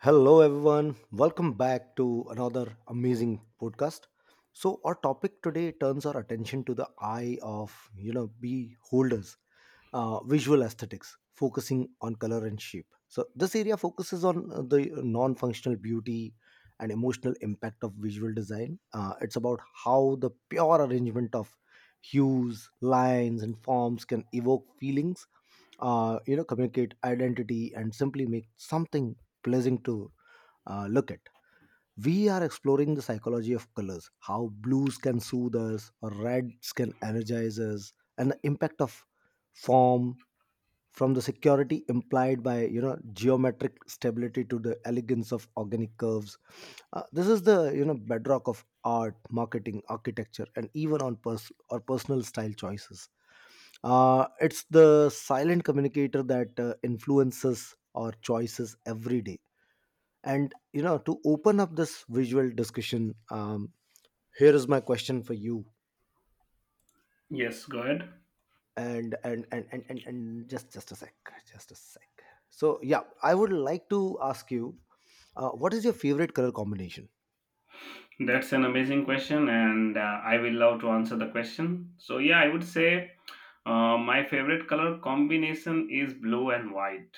Hello, everyone. Welcome back to another amazing podcast. So, our topic today turns our attention to the eye of, beholders, visual aesthetics, focusing on color and shape. So, this area focuses on the non functional beauty and emotional impact of visual design. It's about how the pure arrangement of hues, lines, and forms can evoke feelings communicate identity and simply make something pleasing to look at. We are exploring the psychology of colors, how blues can soothe us, or reds can energize us, and the impact of form from the security implied by geometric stability to the elegance of organic curves. This is the bedrock of art, marketing, architecture, and even on pers- or personal style choices. It's the silent communicator that influences our choices every day and to open up this visual discussion, here is my question for you. Yes, go ahead. And just a sec, just a sec. So yeah, I would like to ask you, what is your favorite color combination? That's an amazing question, and I will love to answer the question. So, yeah, I would say my favorite color combination is blue and white.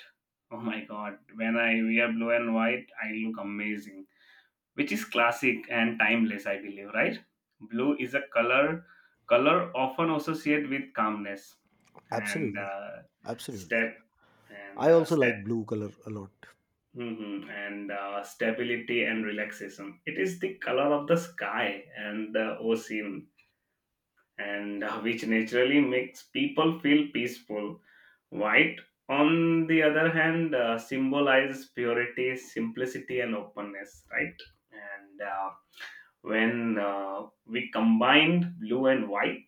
Oh my god, when I wear blue and white, I look amazing, which is classic and timeless, I believe, right? Blue is a color often associated with calmness and Absolutely, absolutely. step and I also step. like blue color a lot. And stability and relaxation. It is the color of the sky and the ocean, and which naturally makes people feel peaceful. White, on the other hand, symbolizes purity, simplicity, and openness, right? And when we combined blue and white,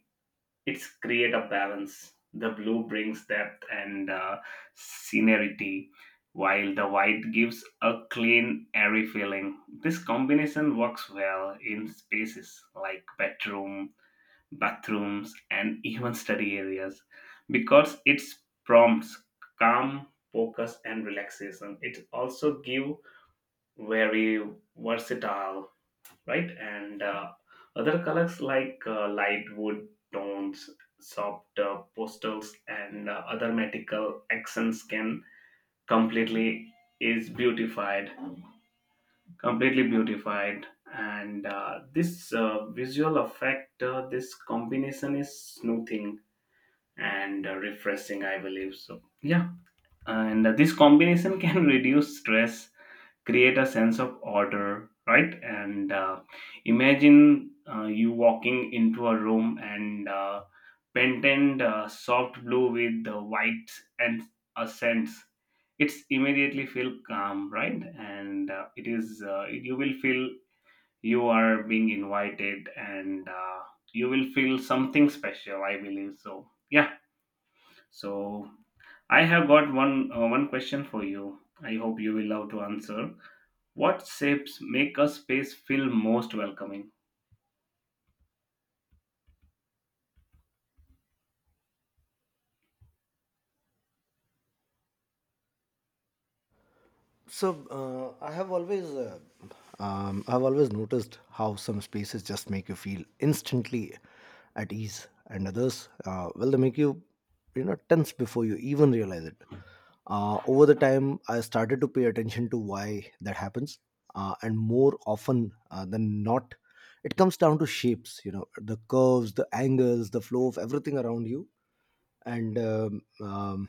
it's create a balance. The blue brings depth and scenerity, while the white gives a clean, airy feeling. This combination works well in spaces like bedroom, bathrooms, and even study areas because it prompts calm, focus, and relaxation. It also give very versatile, right? And other colors like light wood tones, soft postals, and other metallic accents can completely is beautified, completely beautified. And this visual effect, this combination is smoothing and refreshing, I believe. So, yeah, and this combination can reduce stress, create a sense of order, right, and imagine you walking into a room and painted soft blue with the white, and a sense it's immediately feel calm, right, and it is you will feel you are being invited, and you will feel something special, I believe. So, yeah, so I have got one question for you, I hope you will love to answer. What shapes make a space feel most welcoming? So I have always, I've always noticed how some spaces just make you feel instantly at ease, and others, well, they make you, tense before you even realize it. Over the time, I started to pay attention to why that happens, and more often than not, it comes down to shapes. You know, the curves, the angles, the flow of everything around you, and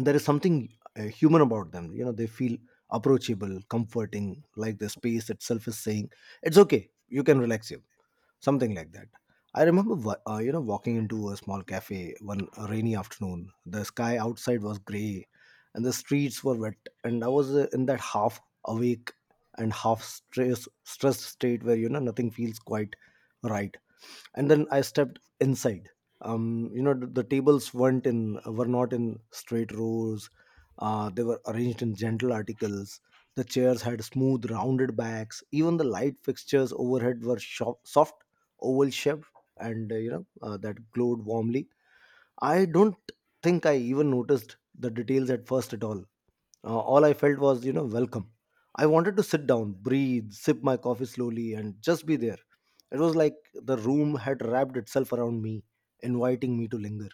there is something human about them. You know, they feel approachable, comforting, like the space itself is saying, it's okay, you can relax here, something like that. I remember you know, walking into a small cafe one rainy afternoon. The sky outside was gray and the streets were wet, and I was in that half awake and stressed state where you know nothing feels quite right. And then I stepped inside. You know, the tables weren't in were not in straight rows. They were arranged in gentle articles. The chairs had smooth rounded backs. Even the light fixtures overhead were sho soft, oval shaped, and that glowed warmly. I don't think I even noticed the details at first at all. All I felt was, you know, welcome. I wanted to sit down, breathe, sip my coffee slowly, and just be there. It was like the room had wrapped itself around me, inviting me to linger.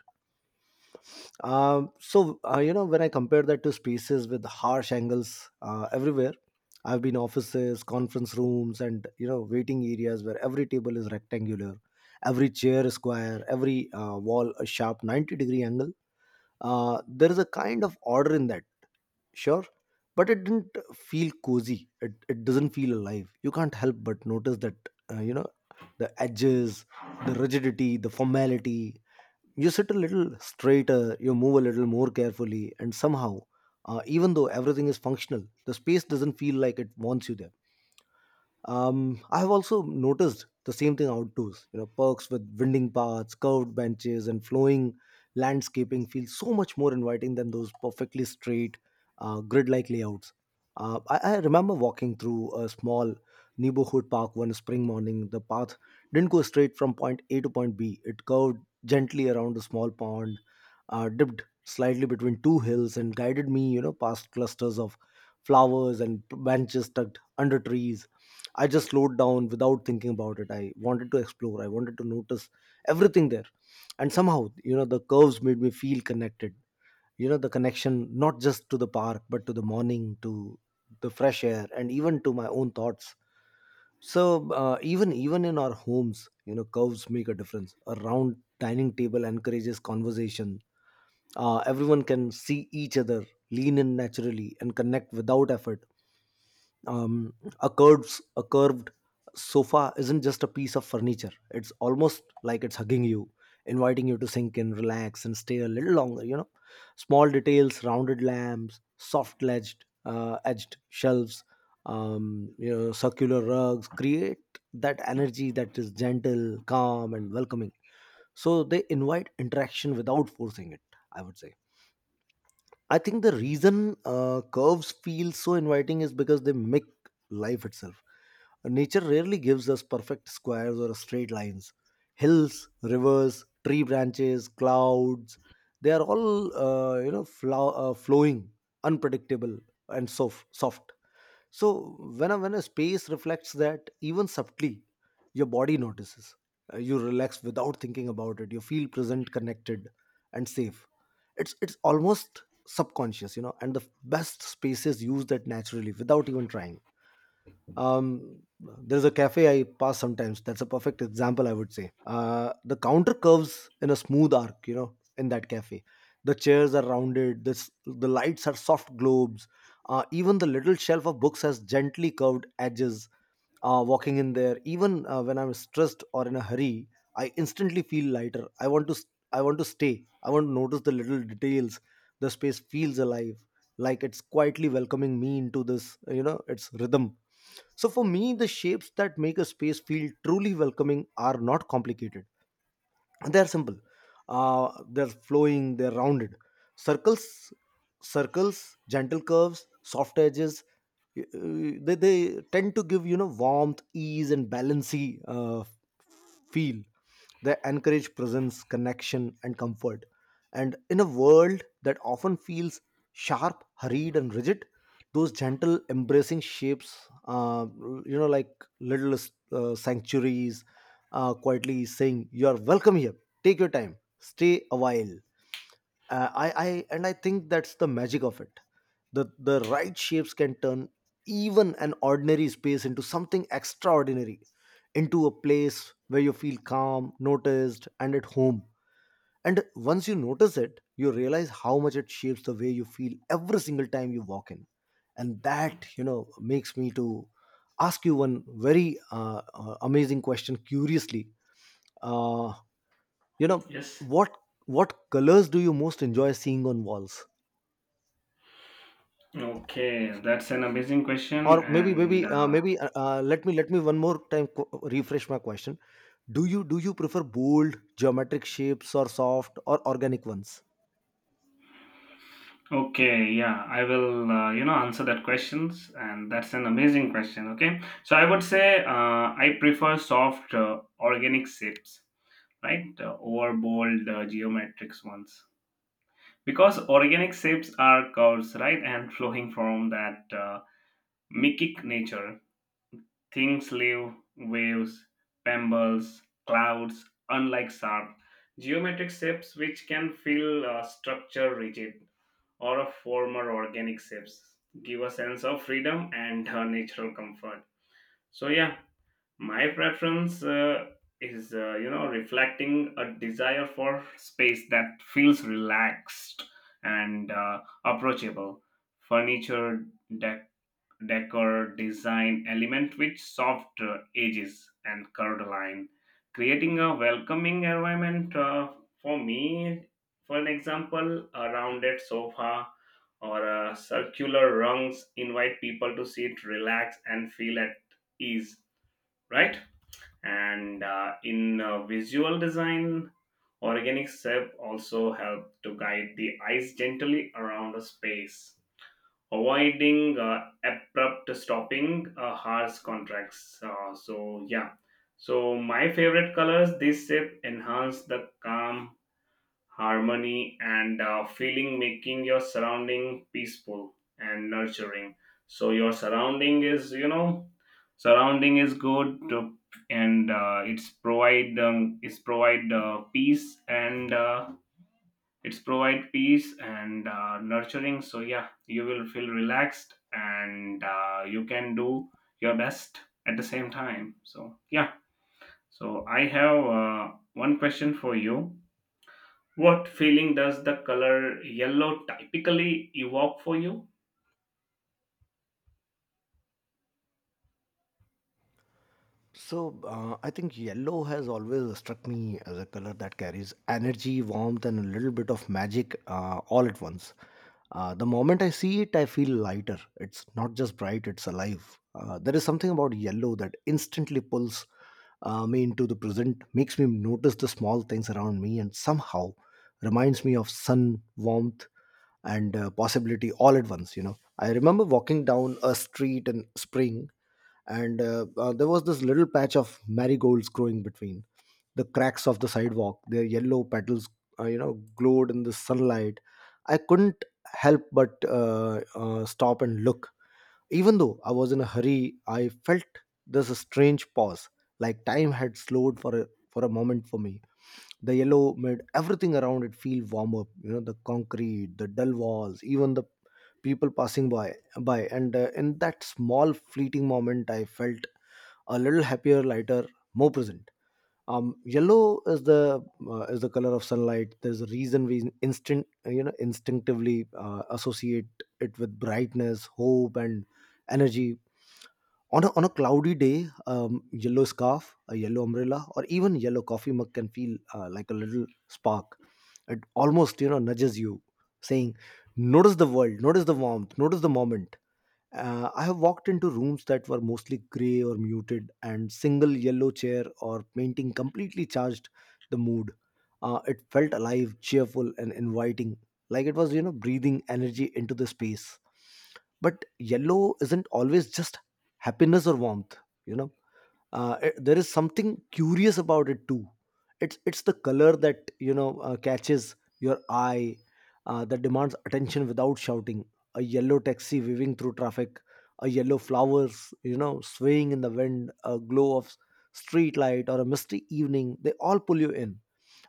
So, you know, when I compare that to spaces with harsh angles everywhere, I've been offices, conference rooms, and, you know, waiting areas where every table is rectangular, every chair is square, every wall a sharp 90-degree angle. There is a kind of order in that, sure, but it didn't feel cozy. It doesn't feel alive. You can't help but notice that, you know, the edges, the rigidity, the formality. You sit a little straighter, you move a little more carefully, and somehow, even though everything is functional, the space doesn't feel like it wants you there. I have also noticed the same thing outdoors. You know, parks with winding paths, curved benches, and flowing landscaping feel so much more inviting than those perfectly straight, grid-like layouts. I remember walking through a small neighborhood park one spring morning. The path didn't go straight from point A to point B. It curved gently around a small pond, dipped slightly between two hills, and guided me, you know, past clusters of flowers and benches tucked under trees. I just slowed down without thinking about it. I wanted to explore. I wanted to notice everything there. And somehow, you know, the curves made me feel connected. You know, the connection not just to the park, but to the morning, to the fresh air, and even to my own thoughts. So even in our homes, you know, curves make a difference. A round dining table encourages conversation. Everyone can see each other, lean in naturally, and connect without effort. um, a curved sofa isn't just a piece of furniture. It's almost like it's hugging you, inviting you to sink in, relax, and stay a little longer. You know, small details, rounded lamps, soft edged edged shelves, you know, circular rugs create that energy that is gentle, calm, and welcoming. So they invite interaction without forcing it, I would say. I think the reason curves feel so inviting is because they make life itself. Nature rarely gives us perfect squares or straight lines. Hills, rivers, tree branches, clouds, they are all flowing, unpredictable, and soft. Soft. So when when a space reflects that even subtly, your body notices. You relax without thinking about it. You feel present, connected, and safe. It's almost subconscious, you know. And the best spaces use that naturally without even trying. um, there's a cafe I pass sometimes that's a perfect example, I would say. The counter curves in a smooth arc, you know, in that cafe. The chairs are rounded, this, the lights are soft globes. Even the little shelf of books has gently curved edges. Walking in there, even when I'm stressed or in a hurry, I instantly feel lighter. I want to I want to stay. I want to notice the little details. The space feels alive, like it's quietly welcoming me into this, you know, its rhythm. So for me, the shapes that make a space feel truly welcoming are not complicated. They're simple. uh, they're flowing, they're rounded, circles circles, gentle curves, soft edges. They tend to give, you know, warmth, ease, and feel. They encourage presence, connection, and comfort. And in a world that often feels sharp, hurried, and rigid, those gentle embracing shapes, uh, you know, like little sanctuaries, quietly saying, you are welcome here, take your time, stay a while. I think that's the magic of it. The right shapes can turn even an ordinary space into something extraordinary, into a place where you feel calm, noticed, and at home. And once you notice it, you realize how much it shapes the way you feel every single time you walk in. And that, you know, makes me to ask you one very amazing question curiously. uh, you know Yes. what what colors do you most enjoy seeing on walls? Okay, that's an amazing question. Or maybe And maybe uh, maybe uh, uh, let me one more time refresh my question. Do you prefer bold geometric shapes or soft or organic ones? okay, yeah, I will answer that questions. And that's an amazing question. Okay, so I would say I prefer soft organic shapes, right, over bold geometric ones, because organic shapes are curves, right, and flowing from that mikic nature. Things live waves, pebbles, clouds, unlike sharp geometric shapes which can feel structure rigid, or a former organic shapes give a sense of freedom and natural comfort. So, yeah, my preference is reflecting a desire for space that feels relaxed and approachable, furniture decor design element with soft edges and curved line, creating a welcoming environment for me. For an example, a rounded sofa or circular rungs invite people to sit, relax, and feel at ease, right? And in visual design, organic shape also help to guide the eyes gently around a space, avoiding abrupt stopping, harsh contracts, so, yeah, so my favorite colors this shape enhance the calm, harmony, and feeling, making your surrounding peaceful and nurturing. So your surrounding is good to, and it's provide peace and it's provide peace and nurturing. So, yeah, you will feel relaxed and you can do your best at the same time. So, yeah. So I have one question for you. What feeling does the color yellow typically evoke for you? So I think yellow has always struck me as a color that carries energy, warmth, and a little bit of magic all at once. The moment I see it, I feel lighter. It's not just bright; it's alive. There is something about yellow that instantly pulls me into the present, makes me notice the small things around me, and somehow reminds me of sun, warmth, and possibility all at once. You know, I remember walking down a street in spring and there was this little patch of marigolds growing between the cracks of the sidewalk. Their yellow petals, you know, glowed in the sunlight. I couldn't help but stop and look. Even though I was in a hurry, I felt this strange pause, like time had slowed for for a moment for me. The yellow made everything around it feel warmer, you know, the concrete, the dull walls, even the people passing by and in that small fleeting moment I felt a little happier, lighter, more present. Yellow is the color of sunlight. There's a reason we instant you know, instinctively associate it with brightness, hope, and energy. On on a cloudy day, yellow scarf, a yellow umbrella, or even yellow coffee mug can feel like a little spark. It almost, you know, nudges you, saying, notice the world, notice the warmth, notice the moment. Uh, I have walked into rooms that were mostly grey or muted, and single yellow chair or painting completely charged the mood. It felt alive, cheerful, and inviting, like it was, you know, breathing energy into the space. But yellow isn't always just happiness or warmth, you know it- there is something curious about it too. It's the color that catches your eye, that demands attention without shouting. A yellow taxi weaving through traffic, a yellow flowers swaying in the wind, a glow of street light or a misty evening, they all pull you in.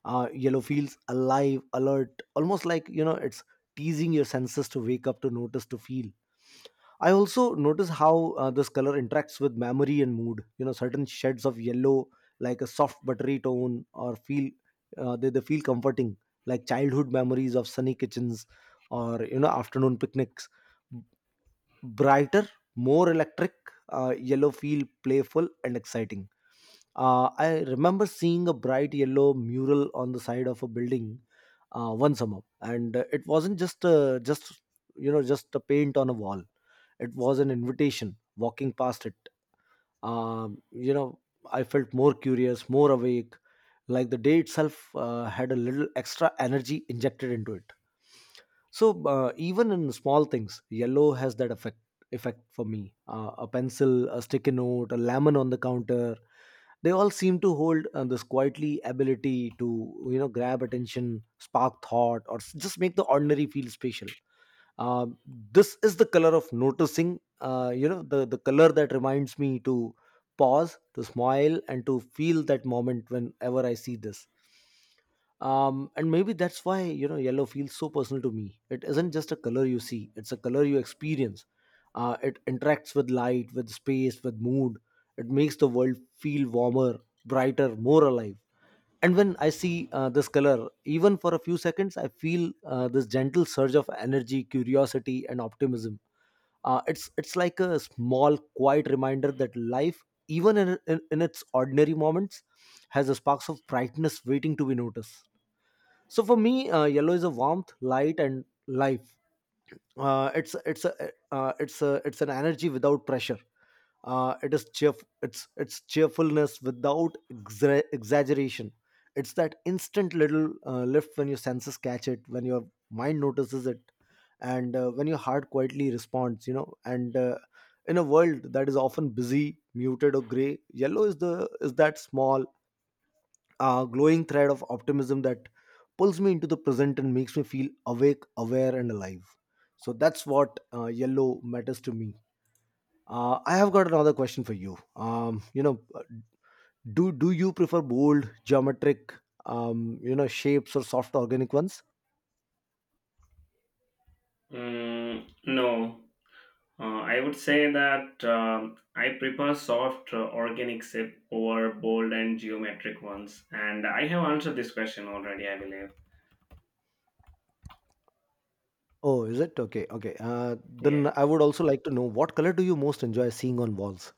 Yellow feels alive, alert, almost like it's teasing your senses to wake up, to notice, to feel. I also notice how this color interacts with memory and mood. You know, certain shades of yellow, like a soft buttery tone, or feel, they feel comforting, like childhood memories of sunny kitchens or afternoon picnics, brighter, more electric. Yellow feel playful and exciting. I remember seeing a bright yellow mural on the side of a building one summer, and it wasn't just just a paint on a wall. It was an invitation. Walking past it, um, you know, I felt more curious, more awake, like the day itself had a little extra energy injected into it. So even in small things yellow has that effect for me. A pencil, a sticky note, a lemon on the counter, they all seem to hold this quietly ability to grab attention, spark thought, or just make the ordinary feel special. Uh, this is the color of noticing. You know, the color that reminds me to pause, to smile, and to feel that moment whenever I see this. And maybe that's why yellow feels so personal to me. It isn't just a color you see, it's a color you experience. It interacts with light, with space, with mood. It makes the world feel warmer, brighter, more alive. And when I see this color, even for a few seconds, I feel this gentle surge of energy, curiosity, and optimism. It's like a small, quiet reminder that life, even in its ordinary moments, has a sparks of brightness waiting to be noticed. So for me, yellow is a warmth, light, and life. Uh, it's it's a it's an energy without pressure. It's cheerfulness without exaggeration. It's that instant little lift when your senses catch it, when your mind notices it, and when your heart quietly responds. You know, and In a world that is often busy, muted, or gray, yellow is the is that small, a glowing thread of optimism that pulls me into the present and makes me feel awake, aware, and alive. So that's what yellow matters to me. I have got another question for you. Do you prefer bold, geometric, shapes or soft organic ones? Mm, no. I would say that I prefer soft organic sip over bold and geometric ones. And I have answered this question already, I believe. Oh, is it okay? Okay. Yeah. Then I would also like to know, what color do you most enjoy seeing on walls?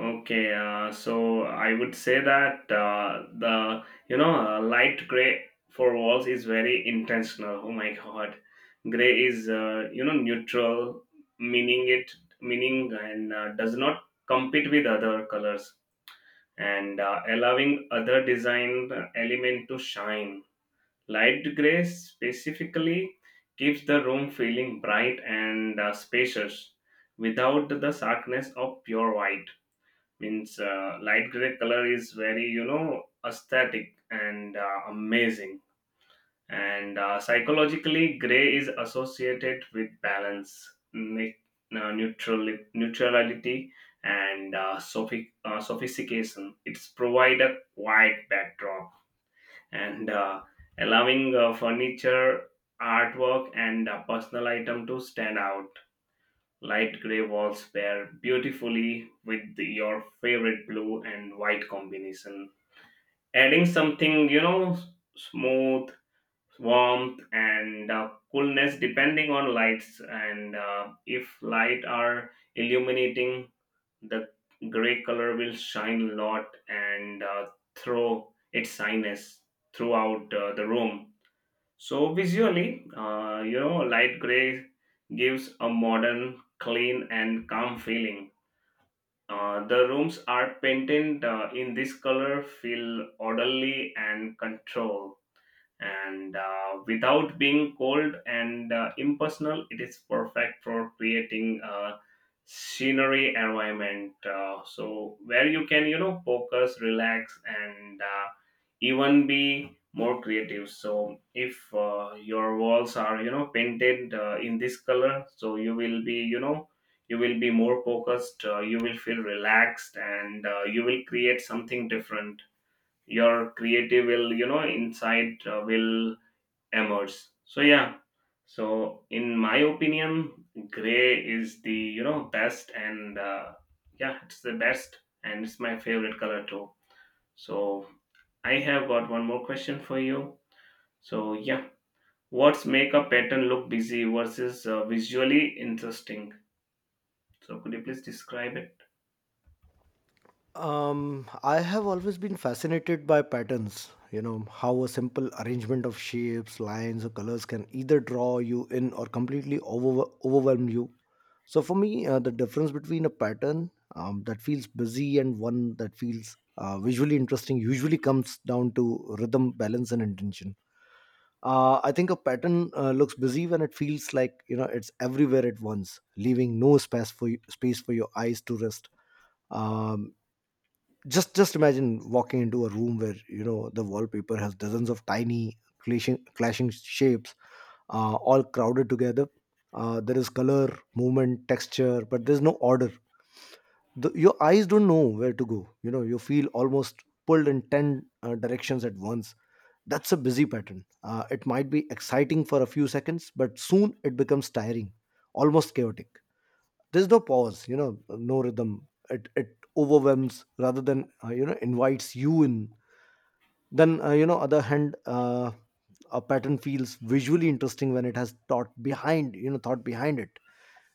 Okay, so I would say that the light gray for walls is very intentional. Oh my god, gray is neutral, meaning it meaning and does not compete with other colors and allowing other design element to shine. Light gray specifically keeps the room feeling bright and spacious, without the starkness of pure white, means light gray color is very aesthetic and amazing. And psychologically, gray is associated with balance, neutral neutrality, and sophistication. It's provide a quiet backdrop and allowing furniture, artwork, and personal item to stand out. Light gray walls pair beautifully with your favorite blue and white combination, adding something, smooth, warmth, and coolness depending on lights. And if light are illuminating, the gray color will shine a lot, and throw its shyness throughout the room. So visually, light gray gives a modern, clean, and calm feeling. The rooms are painted in this color, feel orderly and controlled and without being cold and impersonal. It is perfect for creating a scenery environment, so where you can focus, relax, and even be more creative. So if your walls are painted in this color, so you will be more focused, you will feel relaxed and you will create something different. Your creative will insight will emerge. So, yeah, so in my opinion, gray is the best and yeah, it's the best, and it's my favorite color too. So I have got one more question for you. So, yeah, what's make a pattern look busy versus visually interesting? So could you please describe it? I have always been fascinated by patterns. You know, how a simple arrangement of shapes, lines, or colors can either draw you in or completely overwhelm you. So, for me, the difference between a pattern that feels busy and one that feels visually interesting usually comes down to rhythm, balance, and intention. I think a pattern looks busy when it feels like it's everywhere at once, leaving no space for you, space for your eyes to rest. Um, just just imagine walking into a room where the wallpaper has dozens of tiny clashing shapes, all crowded together. There is color, movement, texture, but there's no order. Your eyes don't know where to go. You know, you feel almost pulled in 10 directions at once. That's a busy pattern. It might be exciting for a few seconds, but soon it becomes tiring, almost chaotic. There's no pause, you know, no rhythm. It overwhelms rather than invites you in. Then other hand, a pattern feels visually interesting when it has thought behind it.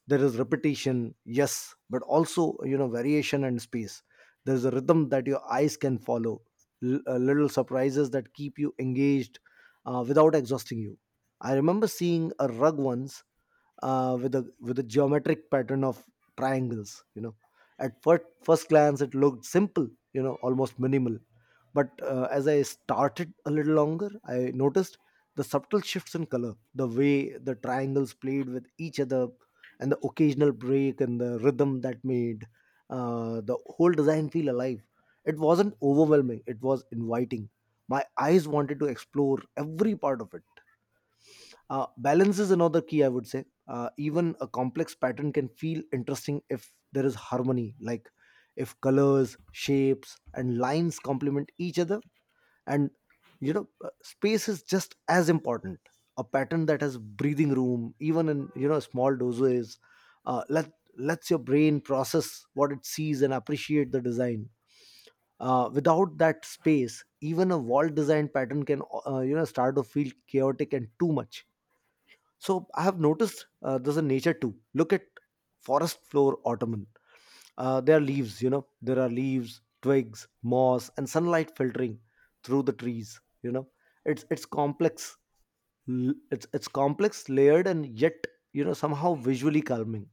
There is repetition, yes, but also, you know, variation and space. There's a rhythm that your eyes can follow, little surprises that keep you engaged without exhausting you. I remember seeing a rug once with a geometric pattern of triangles. You know, at first glance it looked simple, you know, almost minimal. But as I started a little longer, I noticed the subtle shifts in color, the way the triangles played with each other, and the occasional break and the rhythm that made the whole design feel alive. It wasn't overwhelming; it was inviting. My eyes wanted to explore every part of it. Balance is another key, I would say. Even a complex pattern can feel interesting if there is harmony, like if colors, shapes, and lines complement each other. And Space is just as important. A pattern that has breathing room, even in, you know, small doses, uh, let lets your brain process what it sees and appreciate the design. Without that space, even a wall design pattern can start to feel chaotic and too much. So I have noticed there's a nature too. Look at forest floor ottoman. There are leaves, twigs, moss, and sunlight filtering through the trees. You know, it's complex. It's complex, layered, and yet, you know, somehow visually calming.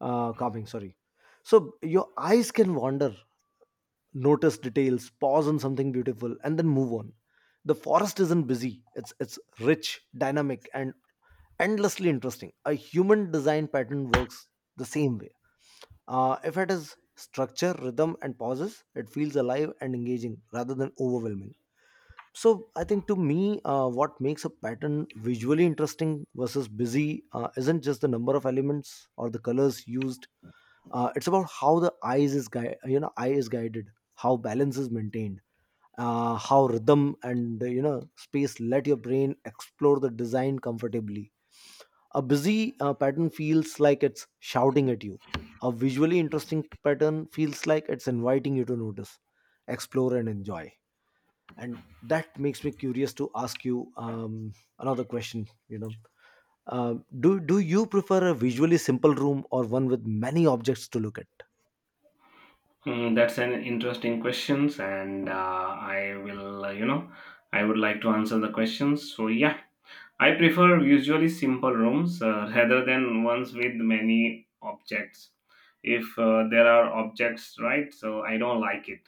Calming, sorry. So your eyes can wander, notice details, pause on something beautiful, and then move on. The forest isn't busy. It's rich, dynamic, and endlessly interesting. A human design pattern works the same way. If it is structure, rhythm, and pauses, it feels alive and engaging rather than overwhelming. So, I think, to me, what makes a pattern visually interesting versus busy isn't just the number of elements or the colors used. It's about how the eye is guided, how balance is maintained, how rhythm and, you know, space let your brain explore the design comfortably. A busy pattern feels like it's shouting at you. A visually interesting pattern feels like it's inviting you to notice, explore, and enjoy. And that makes me curious to ask you another question. You know, do you prefer a visually simple room or one with many objects to look at? Hmm, that's an interesting questions, and I will, you know, I would like to answer the questions. So, yeah, I prefer usually simple rooms rather than ones with many objects. If there are objects, right? So I don't like it.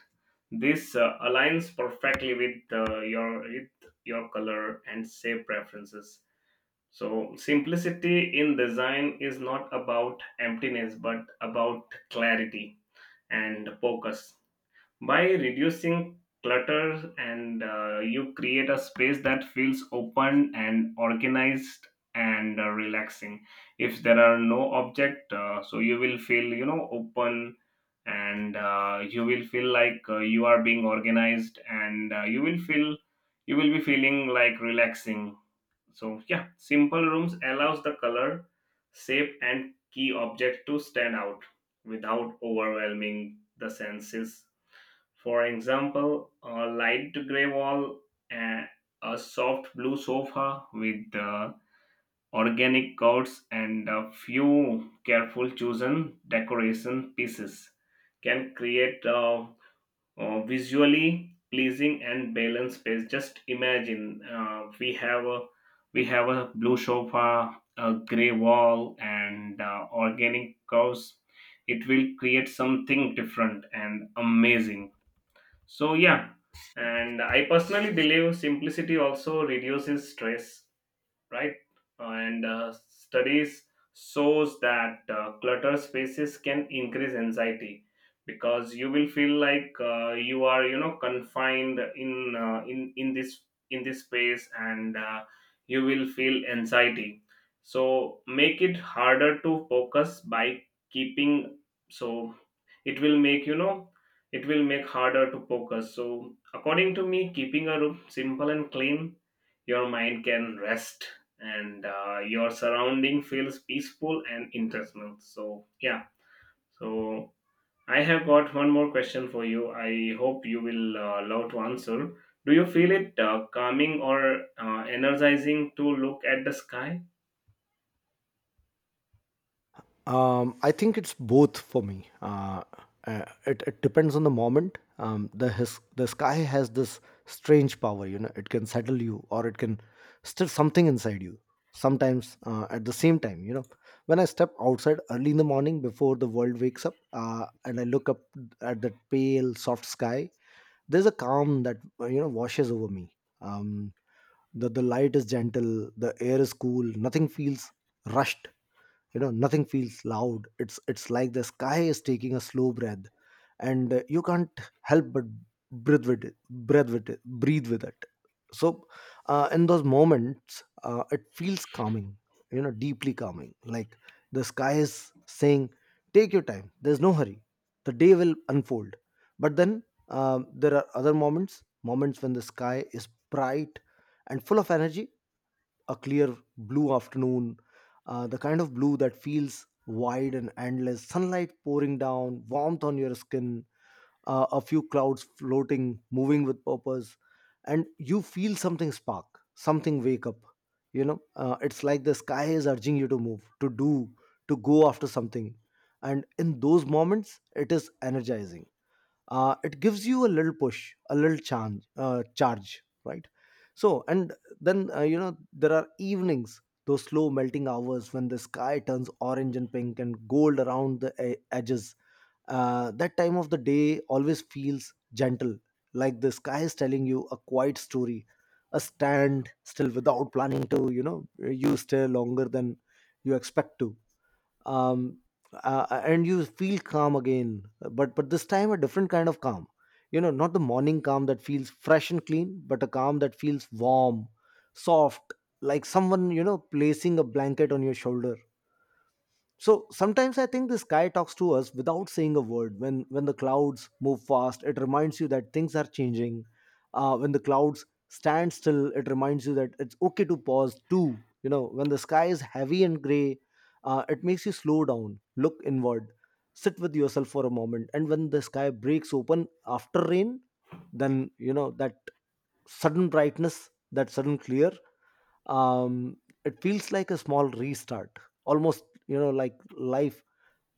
This aligns perfectly with your color and shape preferences. So simplicity in design is not about emptiness, but about clarity and focus, by reducing clutter and you create a space that feels open and organized and relaxing. If there are no object, so you will feel open, and you will feel like you are being organized, and you will be feeling like relaxing. So, yeah, simple rooms allows the color, shape, and key object to stand out without overwhelming the senses. For example, a light gray wall and a soft blue sofa with organic curds and a few careful chosen decoration pieces can create a visually pleasing and balanced space. Just imagine we have a blue sofa, a gray wall, and organic cows. It will create something different and amazing. So, yeah, and I personally believe simplicity also reduces stress, right? And studies shows that cluttered spaces can increase anxiety because you will feel like you are confined in in this space, and you will feel anxiety. So make it harder to focus by keeping, so it will make harder to focus. So according to me, keeping a room simple and clean, your mind can rest, and your surrounding feels peaceful and intentional. So, yeah, so I have got one more question for you, I hope you will love to answer. Do you feel it calming or energizing to look at the sky? I think it's both for me. It depends on the moment. The sky has this strange power, you know. It can settle you, or it can stir something inside you. Sometimes at the same time, you know. When I step outside early in the morning before the world wakes up, and I look up at that pale, soft sky, there's a calm that washes over me. Um, the light is gentle, the air is cool, nothing feels rushed. You know, nothing feels loud. It's like the sky is taking a slow breath and you can't help but breathe with it. So in those moments it feels calming, you know, deeply calming, like the sky is saying, take your time, there's no hurry, the day will unfold. But then, there are other moments when the sky is bright and full of energy. A clear blue afternoon, the kind of blue that feels wide and endless, sunlight pouring down, warmth on your skin, a few clouds floating, moving with purpose, and you feel something spark, something wake up. You know, it's like the sky is urging you to move, to do, to go after something. And in those moments, it is energizing. It gives you a little push, a little charge, right? So and then, there are evenings, those slow melting hours when the sky turns orange and pink and gold around the edges. That time of the day always feels gentle, like the sky is telling you a quiet story. A stand still without planning to, you know, you stay longer than you expect to. um, and you feel calm again, but this time a different kind of calm. You know, not the morning calm that feels fresh and clean, but a calm that feels warm, soft, like someone, you know, placing a blanket on your shoulder. So sometimes I think the sky talks to us without saying a word. When the clouds move fast, it reminds you that things are changing. When the clouds stand still, it reminds you that it's okay to pause too. You know, when the sky is heavy and gray, it makes you slow down, look inward, sit with yourself for a moment. And when the sky breaks open after rain, then you know that sudden brightness, that sudden clear, um, it feels like a small restart, almost, you know, like life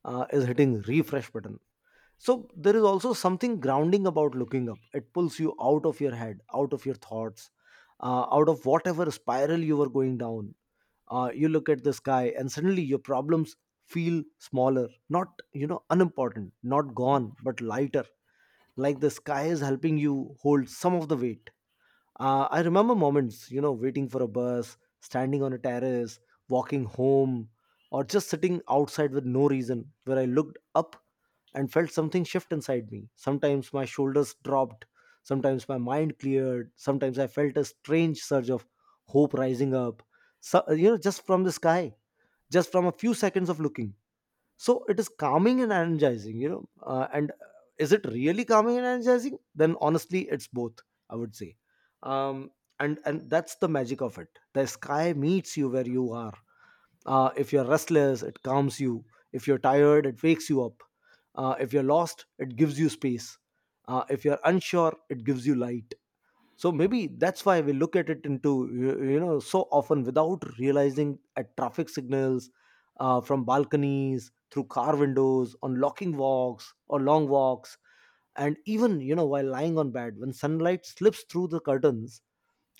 is hitting refresh button. So there is also something grounding about looking up. It pulls you out of your head, out of your thoughts, out of whatever spiral you were going down. You look at the sky and suddenly your problems feel smaller, not, you know, unimportant, not gone, but lighter, like the sky is helping you hold some of the weight. I remember moments, you know, waiting for a bus, standing on a terrace, walking home, or just sitting outside with no reason, where I looked up and felt something shift inside me. Sometimes my shoulders dropped, sometimes my mind cleared, sometimes I felt a strange surge of hope rising up, so, you know, just from the sky, just from a few seconds of looking. So it is calming and energizing, you know, and is it really calming and energizing? Then honestly it's both, I would say. um, and that's the magic of it. The sky meets you where you are. If you're restless it calms you, if you're tired it wakes you up, if you're lost it gives you space, if you're unsure it gives you light. So maybe that's why we look at it into you know so often without realizing, at traffic signals, from balconies, through car windows, on locking walks or long walks, and even, you know, while lying on bed when sunlight slips through the curtains.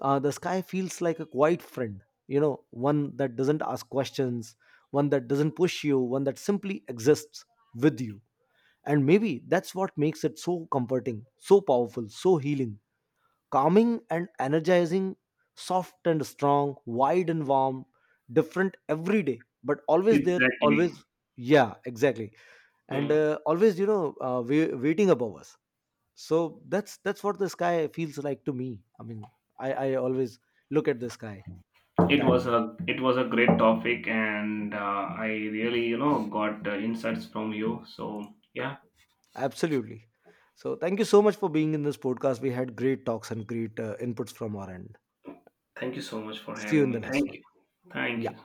The sky feels like a quiet friend, you know, one that doesn't ask questions, one that doesn't push you, one that simply exists with you. And maybe that's what makes it so comforting, so powerful, so healing, calming and energizing, soft and strong, wide and warm, different every day, but always there, always. Exactly. Yeah, exactly. And Hmm. Always, you know, waiting above us. So that's what the sky feels like to me. I mean, I always look at the sky with it that. was a it was a great topic, and I really got insights from you. So, yeah, Absolutely. So thank you so much for being in this podcast. We had great talks and great inputs from our end. thank you so much for See you in having the me. next Thank one. you, thank Yeah. you.